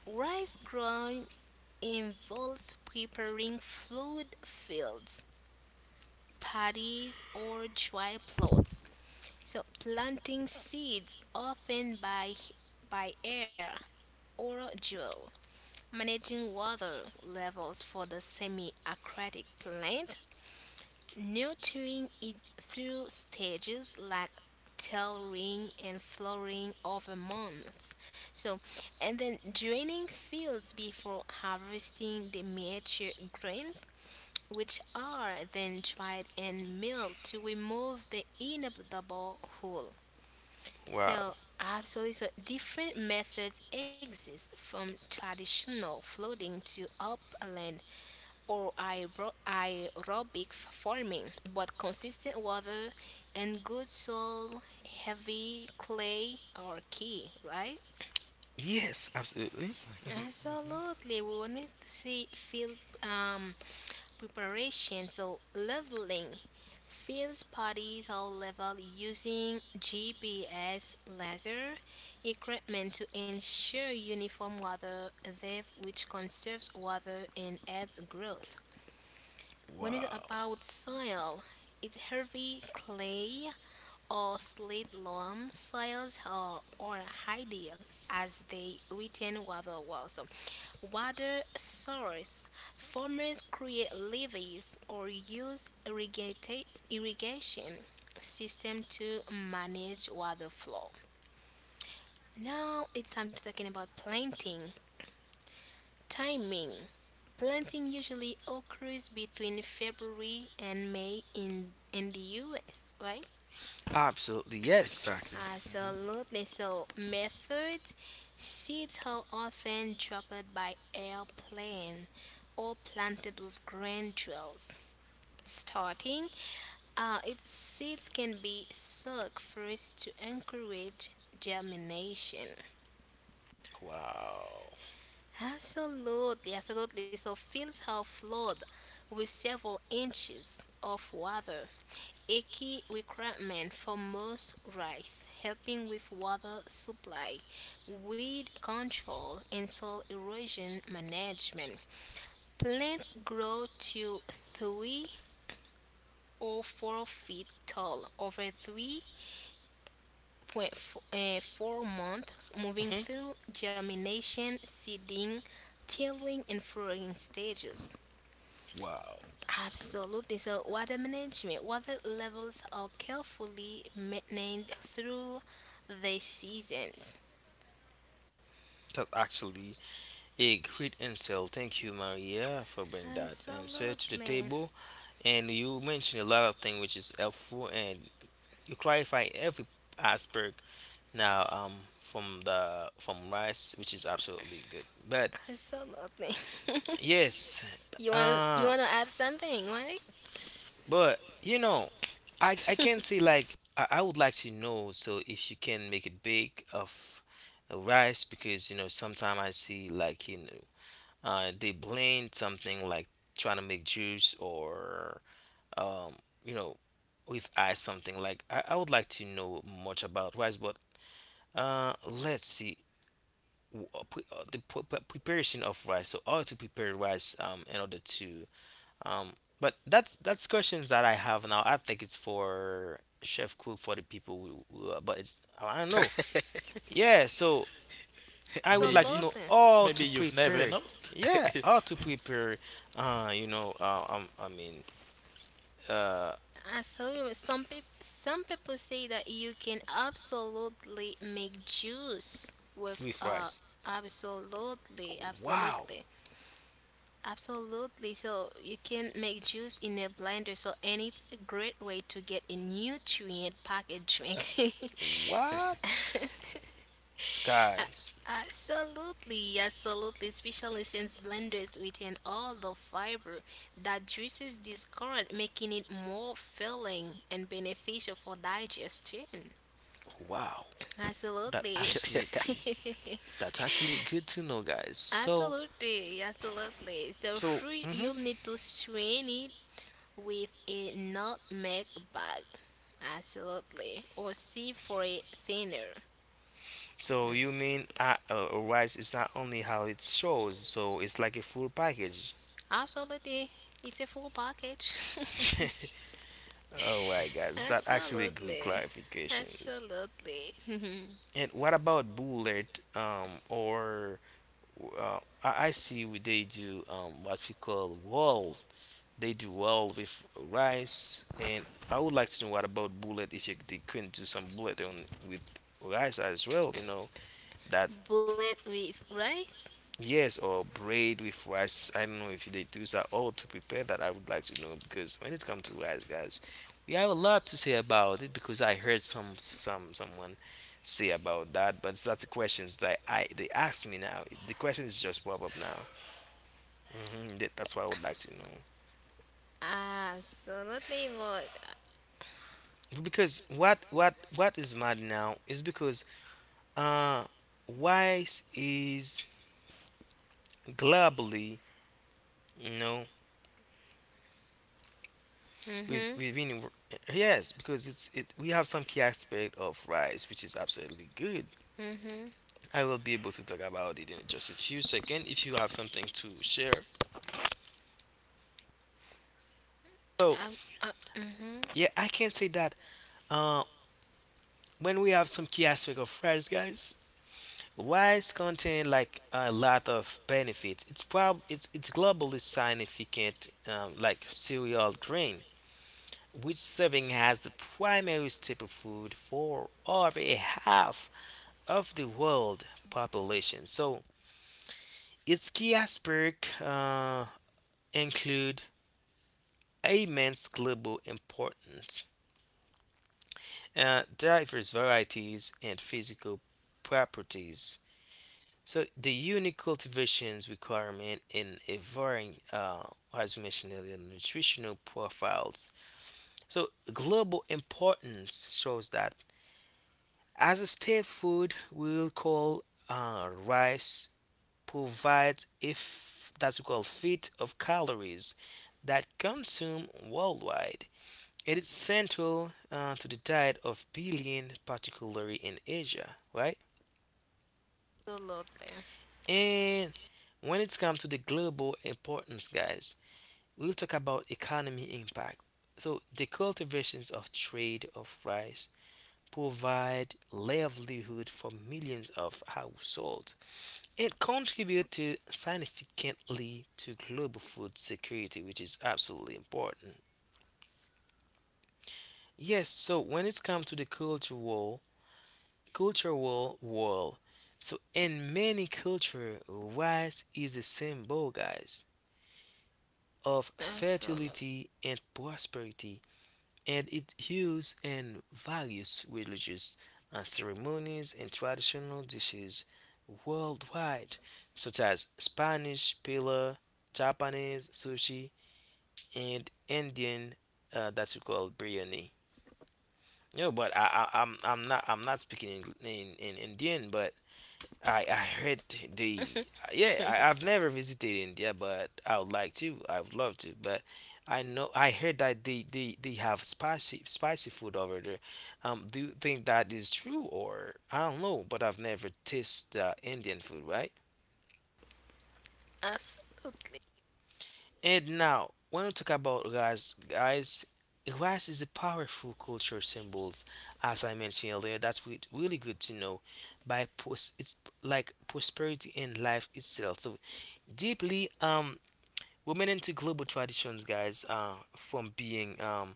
rice ground involves preparing fluid fields, paddies, or dry plots. So planting seeds often by air or drill, managing water levels for the semi aquatic plant, nurturing it through stages like tailoring and flowering over months. So, and then draining fields before harvesting the mature grains, which are then dried and milled to remove the inevitable hull. Wow. So, absolutely. So, different methods exist from traditional floating to upland or aerobic farming, but consistent water and good soil, heavy clay are key, right? Yes, absolutely. Exactly. Hmm. Mm-hmm. Absolutely. We want to see field preparation, so leveling. Fields parties are leveled using GPS laser equipment to ensure uniform water depth, which conserves water and adds growth. When it's Wow. about soil, it's heavy clay or slit loam soils are ideal as they retain water well. So, water source farmers create levees or use irrigation system to manage water flow. Now it's time to talking about planting timing. Planting usually occurs between February and May in the US, right? Absolutely. Yes. Exactly. hmm Absolutely. So, method seeds are often dropped by airplane or planted with granules. Starting, its seeds can be soaked first to encourage germination. Wow. Absolutely, absolutely. So, fields are flooded with several inches of water, a key requirement for most rice, helping with water supply, weed control, and soil erosion management. Plants grow to 3 or 4 feet tall over 3.4 months, moving Hmm. through germination, seeding, tilling, and flowering stages. Wow. Absolutely. So, water management, water levels are carefully maintained through the seasons. That's actually a great insult. Thank you, Maria, for bringing that answer to the Absolutely. table. And you mentioned a lot of things which is helpful, and you clarify every aspect now from the from rice which is absolutely good, but Absolutely. [LAUGHS] yes, you want to add something, right? but you know, I can say like I would like to know, so if you can make it big of rice, because you know, sometimes I see like, you know, they blend something like trying to make juice, or um you know, with ice something like, I would like to know much about rice, but uh let's see, preparation of rice, so how to prepare rice in order to um but that's questions that I have now. I think it's for chef cook for the people who, but it's, I don't know. Yeah, so [LAUGHS] I would like to Maybe. know Absolutely. how Maybe to you've never prepare, know. yeah, how to prepare, I mean uh I tell you, some people say that you can absolutely make juice with with rice. absolutely, Wow. absolutely. Absolutely. So you can make juice in a blender. So and it's a great way to get a nutrient packed drink. [LAUGHS] What, guys? Absolutely, absolutely, especially since blenders retain all the fiber that juices discard, making it more filling and beneficial for digestion. Wow. that Absolutely. actually [LAUGHS] [LAUGHS] that's actually good to know, guys. So Absolutely, absolutely. So So, fruit hmm, you'll need to strain it with a nutmeg bag. Absolutely. Or C for a thinner. so you mean, a rice is not only how it shows, so it's like a full package. Absolutely. It's a full package. [LAUGHS] Alright, guys, [LAUGHS] that actually good Absolutely. clarifications. Absolutely. [LAUGHS] And what about bullet? Or I see what they do, what we call wall. They do wall with rice, and I would like to know what about bullet if you, they couldn't do some bullet on with rice as well. You know that, Bullet with rice. yes, or braid with rice. I don't know if they do that or to prepare that. I would like to know because when it comes to rice, guys, we have a lot to say about it because I heard some someone say about that. But that's the questions that I they ask me now. The question is just pop up now. Hmm, that's what I would like to know, Absolutely, Maud. because what what is mad now is because uh rice is globally, you know. We've Mhm. we've been, yes, because it's it, we have some key aspect of rice which is absolutely good. Mhm. I will be able to talk about it in just a few seconds if you have something to share. So Um, mhm. yeah, I can say that, uh, when we have some key aspect of rice, guys, rice contain like a lot of benefits. It's prob it's globally significant, like cereal grain which serving as the primary staple food for over a half of the world population. So its key aspects include immense global importance, diverse varieties, and physical properties. So the unique cultivations requirement in a varying, as we mentioned earlier, nutritional profiles. So global importance shows that, as a staple food, we'll call rice provides, if that's we call, feet of calories that consume worldwide. It is central to the diet of billion, particularly in Asia, right? And when it's come to the global importance, guys, we'll talk about economy impact. So the cultivations of trade of rice provide livelihood for millions of households. It contributes to significantly to global food security, which is absolutely important. Yes, so when it comes to the cultural world, so in many culture, rice is a symbol, guys, of Absolutely. Absolutely. fertility and prosperity, and it used in various religious ceremonies and traditional dishes worldwide, such as Spanish paella, Japanese sushi, and Indian that we call biryani. You know, but I'm not, I'm not speaking in Indian, but I heard the, [LAUGHS] yeah, I've never visited India, but I would like to. I would love to, but I know I heard that they have spicy spicy food over there. Do you think that is true or I don't know? But I've never tasted Indian food, right? Absolutely. And now, when we talk about rice, guys, rice is a powerful culture symbols, as I mentioned earlier. That's really good to know. It's like prosperity and life itself. So deeply remaining to global traditions, guys. From being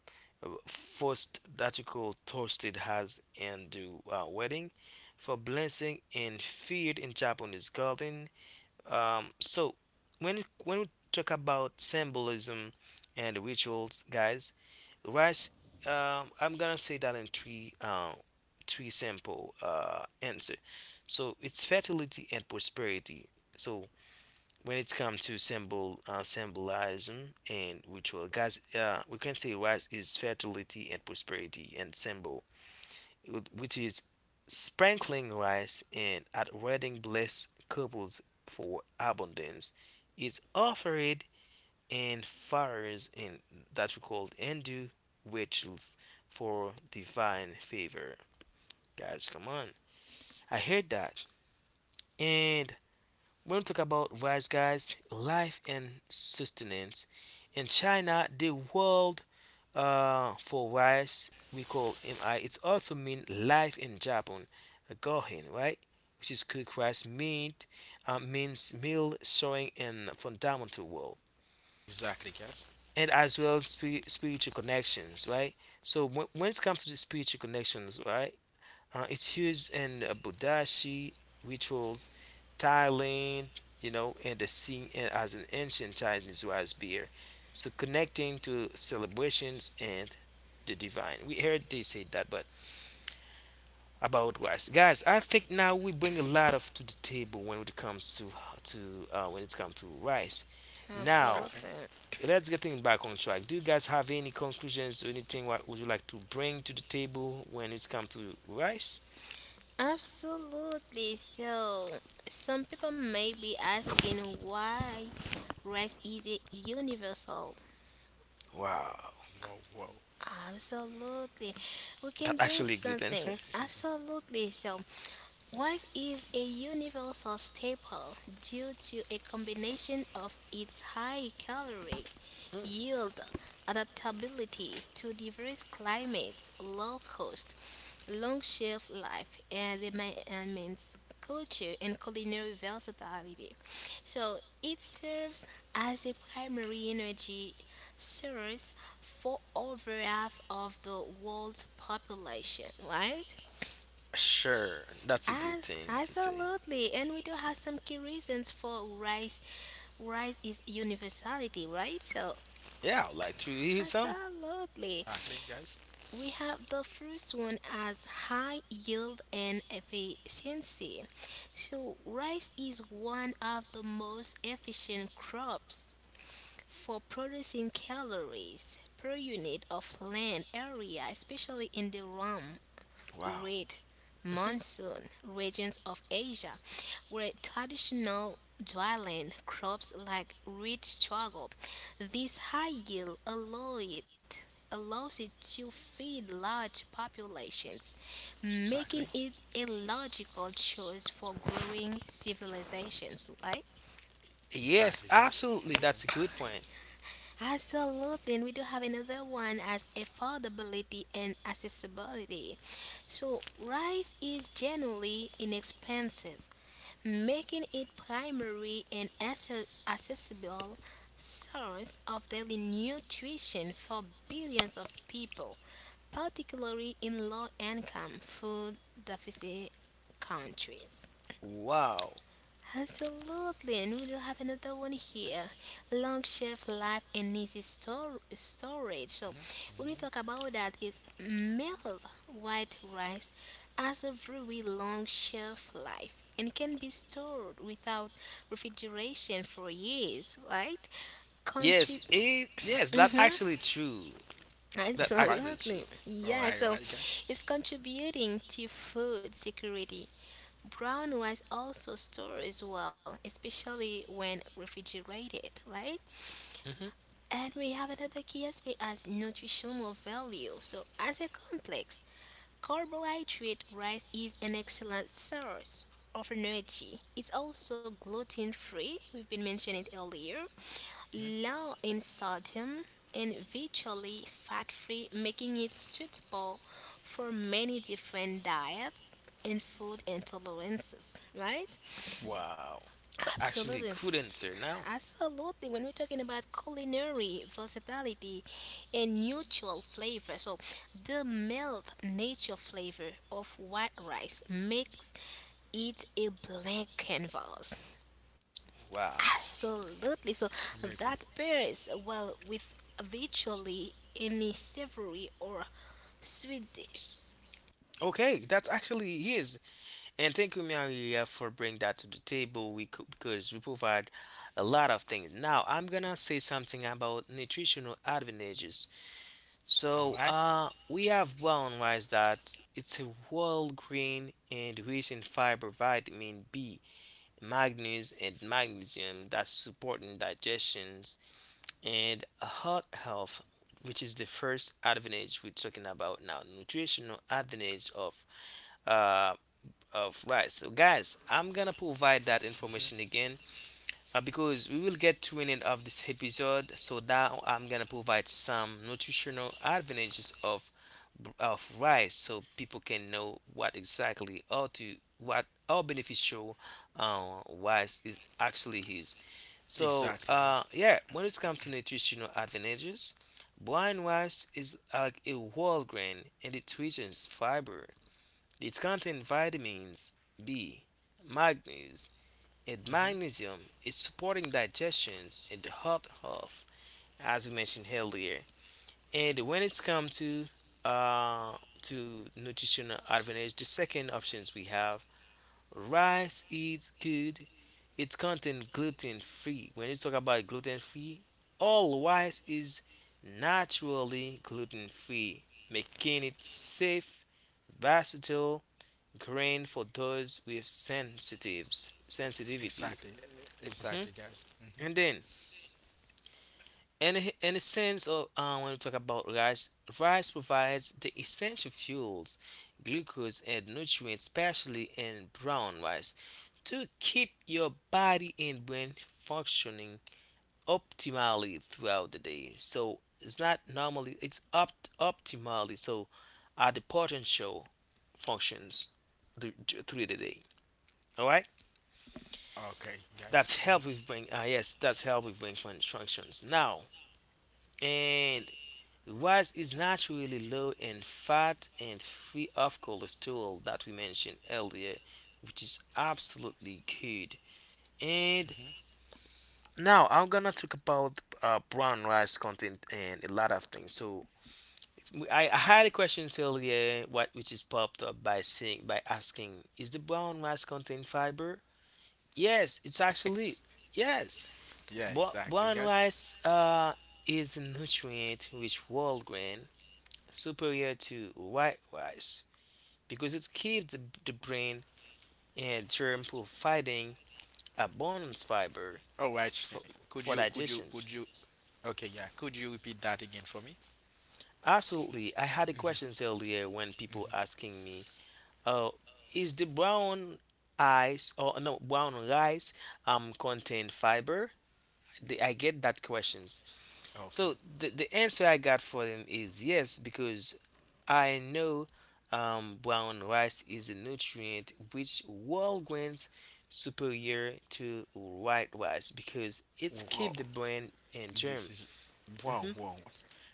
first that you call toasted has and do wedding for blessing and feared in Japanese garden, so when we talk about symbolism and rituals, guys, right? I'm gonna say that in three simple answer. So it's fertility and prosperity. So when it comes to symbolism and ritual, guys, we can say rice is fertility and prosperity and symbol, which is sprinkling rice and at wedding bless couples for abundance. Is offered and fires in that we call Hindu rituals for divine favor. Guys, come on. I heard that. And when we talk about rice, guys, life and sustenance. In China, the world, for rice, we call mi. It also mean life in Japan, gohin, right? Which is cooked rice meat, means meal showing in fundamental world, Exactly, guys. and as well spiritual connections, right? So when it comes to the spiritual connections, right? It's used in Budashi rituals, Thailand, you know, and the seen as an ancient Chinese wise beer. So connecting to celebrations and the divine. We heard they say that, but about wise guys, I think now we bring a lot of to the table when it comes to when it comes to rice. Now Exactly. Absolutely. let's get things back on track. Do you guys have any conclusions or anything what would you like to bring to the table when it comes to rice? Absolutely. So, some people may be asking why rest isn't universal. Wow. Wow, wow. Absolutely. We can That's bring actually a good something. answer. This is Absolutely. So, rice is a universal staple due to a combination of its high caloric Mm. yield, adaptability to diverse climates, low cost, long shelf life, and the and means culture and culinary versatility. So it serves as a primary energy source for over half of the world's population, right? Sure, that's a good As, thing to say. absolutely, and we do have some key reasons for rice. Rice is universality, right? So, Yeah, I'd like to hear some. absolutely. exactly, guys. We have the first one as high yield and efficiency. So, rice is one of the most efficient crops for producing calories per unit of land area, especially in the realm Wow. red Mhm. monsoon regions of Asia, where traditional dwelling crops like wheat struggle. This high yield allows it to feed large populations, making Exactly. it a logical choice for growing civilizations, right? Yes, Exactly, guys. I'm absolutely. agree. That's a good point. Absolutely, and we do have another one as affordability and accessibility. So rice is generally inexpensive, making it primary and accessible source of daily nutrition for billions of people, particularly in low-income food deficit countries. Wow. Absolutely, and we do have another one here. Long shelf life and easy storage. So, when we talk about that, is milled white rice has a very long shelf life and can be stored without refrigeration for years, right? Country. Yes, it, yes, that Mm-hmm. actually true. That Right? actually Absolutely. true. All Yeah, right, all so right, guys. it's contributing to food security. Brown rice also stores well, especially when refrigerated, right? Hmm. And we have another key aspect as nutritional value. So, as a complex carbohydrate, rice is an excellent source of energy. It's also gluten free, we've been mentioning it earlier, hmm low in sodium, and virtually fat free, making it suitable for many different diets and food intolerances, right? Wow. That actually Absolutely, good answer now. absolutely. When we're talking about culinary versatility and neutral flavor, so the mild nature flavor of white rice makes it a blank canvas. Wow. Absolutely. So I'm that agree. pairs well with virtually any savory or sweet dish. Okay, that's actually yes. And thank you, Maria, for bringing that to the table. We could, because we provide a lot of things. Now, I'm gonna say something about nutritional advantages. All So, right. uh, we have brown rice that it's a whole grain and rich in fiber, vitamin B, manganese, and magnesium that supporting digestions and heart health, which is the first advantage we're talking about now. Nutritional advantage uh of rice. So, guys, I'm gonna provide that Mm-hmm. information again because we will get to an end of this episode. So now I'm gonna provide some nutritional advantages of rice so people can know what exactly how to what how beneficial rice is actually is. so Exactly, uh, guys. yeah, when it comes to nutritional advantages, brown rice is like a whole grain and it rich fiber, it contains vitamins B, magnesium, and hmm magnesium is supporting digestions and heart health, as we mentioned earlier. And when it's come uh, to nutritional advantage, the second options we have, rice is good. It contains gluten free. When you talk about gluten free, all rice is naturally gluten free, making it safe, versatile grain for those with sensitives sensitivity. Exactly. Mhm. Exactly, guys. And then in a sense of when we talk about rice, rice provides the essential fuels, glucose, and nutrients, especially in brown rice, to keep your body and brain functioning optimally throughout the day. So it's not normally, it's up optimally. So at the potential functions through the day. All right, Okay, guys. that's help with brain. Ah, yes, that's help with brain functions. Now, and rice is naturally low in fat and free of cholesterol that we mentioned earlier, which is absolutely good. And hmm now I'm gonna talk about brown rice content and a lot of things. So I had a question earlier, what which is popped up by saying by asking, is the brown rice contain fiber? Yes, it's actually yes. Yeah, Bro- exactly, brown guys. rice is a nutrient-rich whole grain superior to white rice because it keeps the brain and germ providing abundance fiber All right, Shane. for, for Could digestions. you? Okay, yeah. Could you repeat that again for me? Absolutely. I had a question Mhm. earlier when people asking me, oh, is the brown ice or no brown rice contain fiber? I get that questions. Okay. So the answer I got for them is yes, because I know brown rice is a nutrient which whole grains superior to white rice because it's Wow. keep the brain in This germ. is wow, Hmm. wow.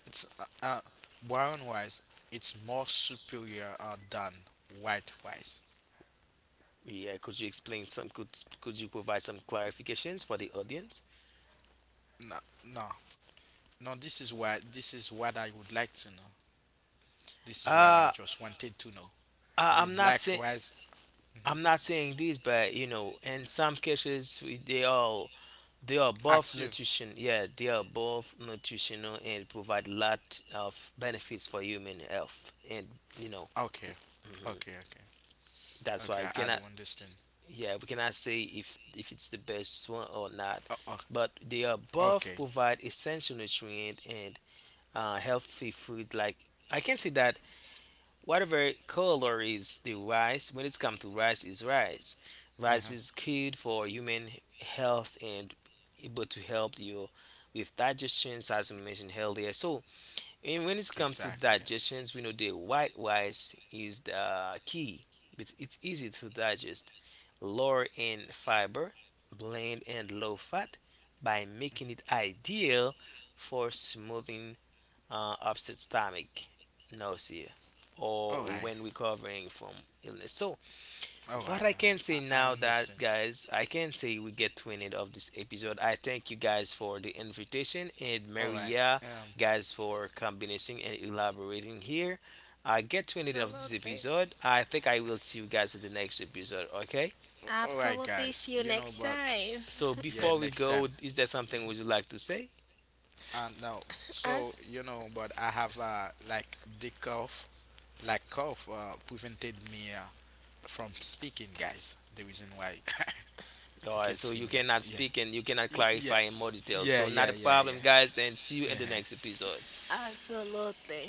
It's brown rice. It's more superior than white rice. Yeah, could you explain some? Could you provide some clarifications for the audience? No, no, no. This is what I would like to know. This is what I Uh, just wanted to know. I, The I'm not black saying. rice. Mm-hmm. I'm not saying this, but you know, in some cases they are both Ask you. nutrition. Yeah, they are both nutritional and provide lot of benefits for human health and you know. Okay, okay, okay, That's okay. why we I cannot, don't understand. yeah, we cannot say if it's the best one or not, Oh. but they are both Okay. provide essential nutrient and healthy food. Like I can say that whatever color is the rice, when it's come to rice, is rice. Rice Uh-huh. is good for human health and able to help you with digestion, as we mentioned earlier. So and when it's come to Exactly, guys. digestions, we know the white rice is the key. It's easy to digest, lower in fiber, bland and low fat, by making it ideal for smoothing upset stomach, nausea, or All right. when recovering from illness. So All right. All what I can say right. I now that, understand. guys, I can say we get to an end of this episode. I thank you guys for the invitation and All right. Maria Um. guys for combination and elaborating here. I get to an end of this Absolutely. episode. I think I will see you guys at the next episode, okay? All right, Absolutely. guys. See you You know, next but time. So yeah, before we next time. go, is there something would you like to say? Now, so As you know, but I have like the cough, like cough prevented me from speaking, guys. The reason why [LAUGHS] you Alright, can so see you me. cannot Yeah. speak and you cannot Y- yeah, clarify in more detail. yeah, So yeah, not a yeah, problem, yeah. guys, and see you in the Uh-huh. next episode. absolutely.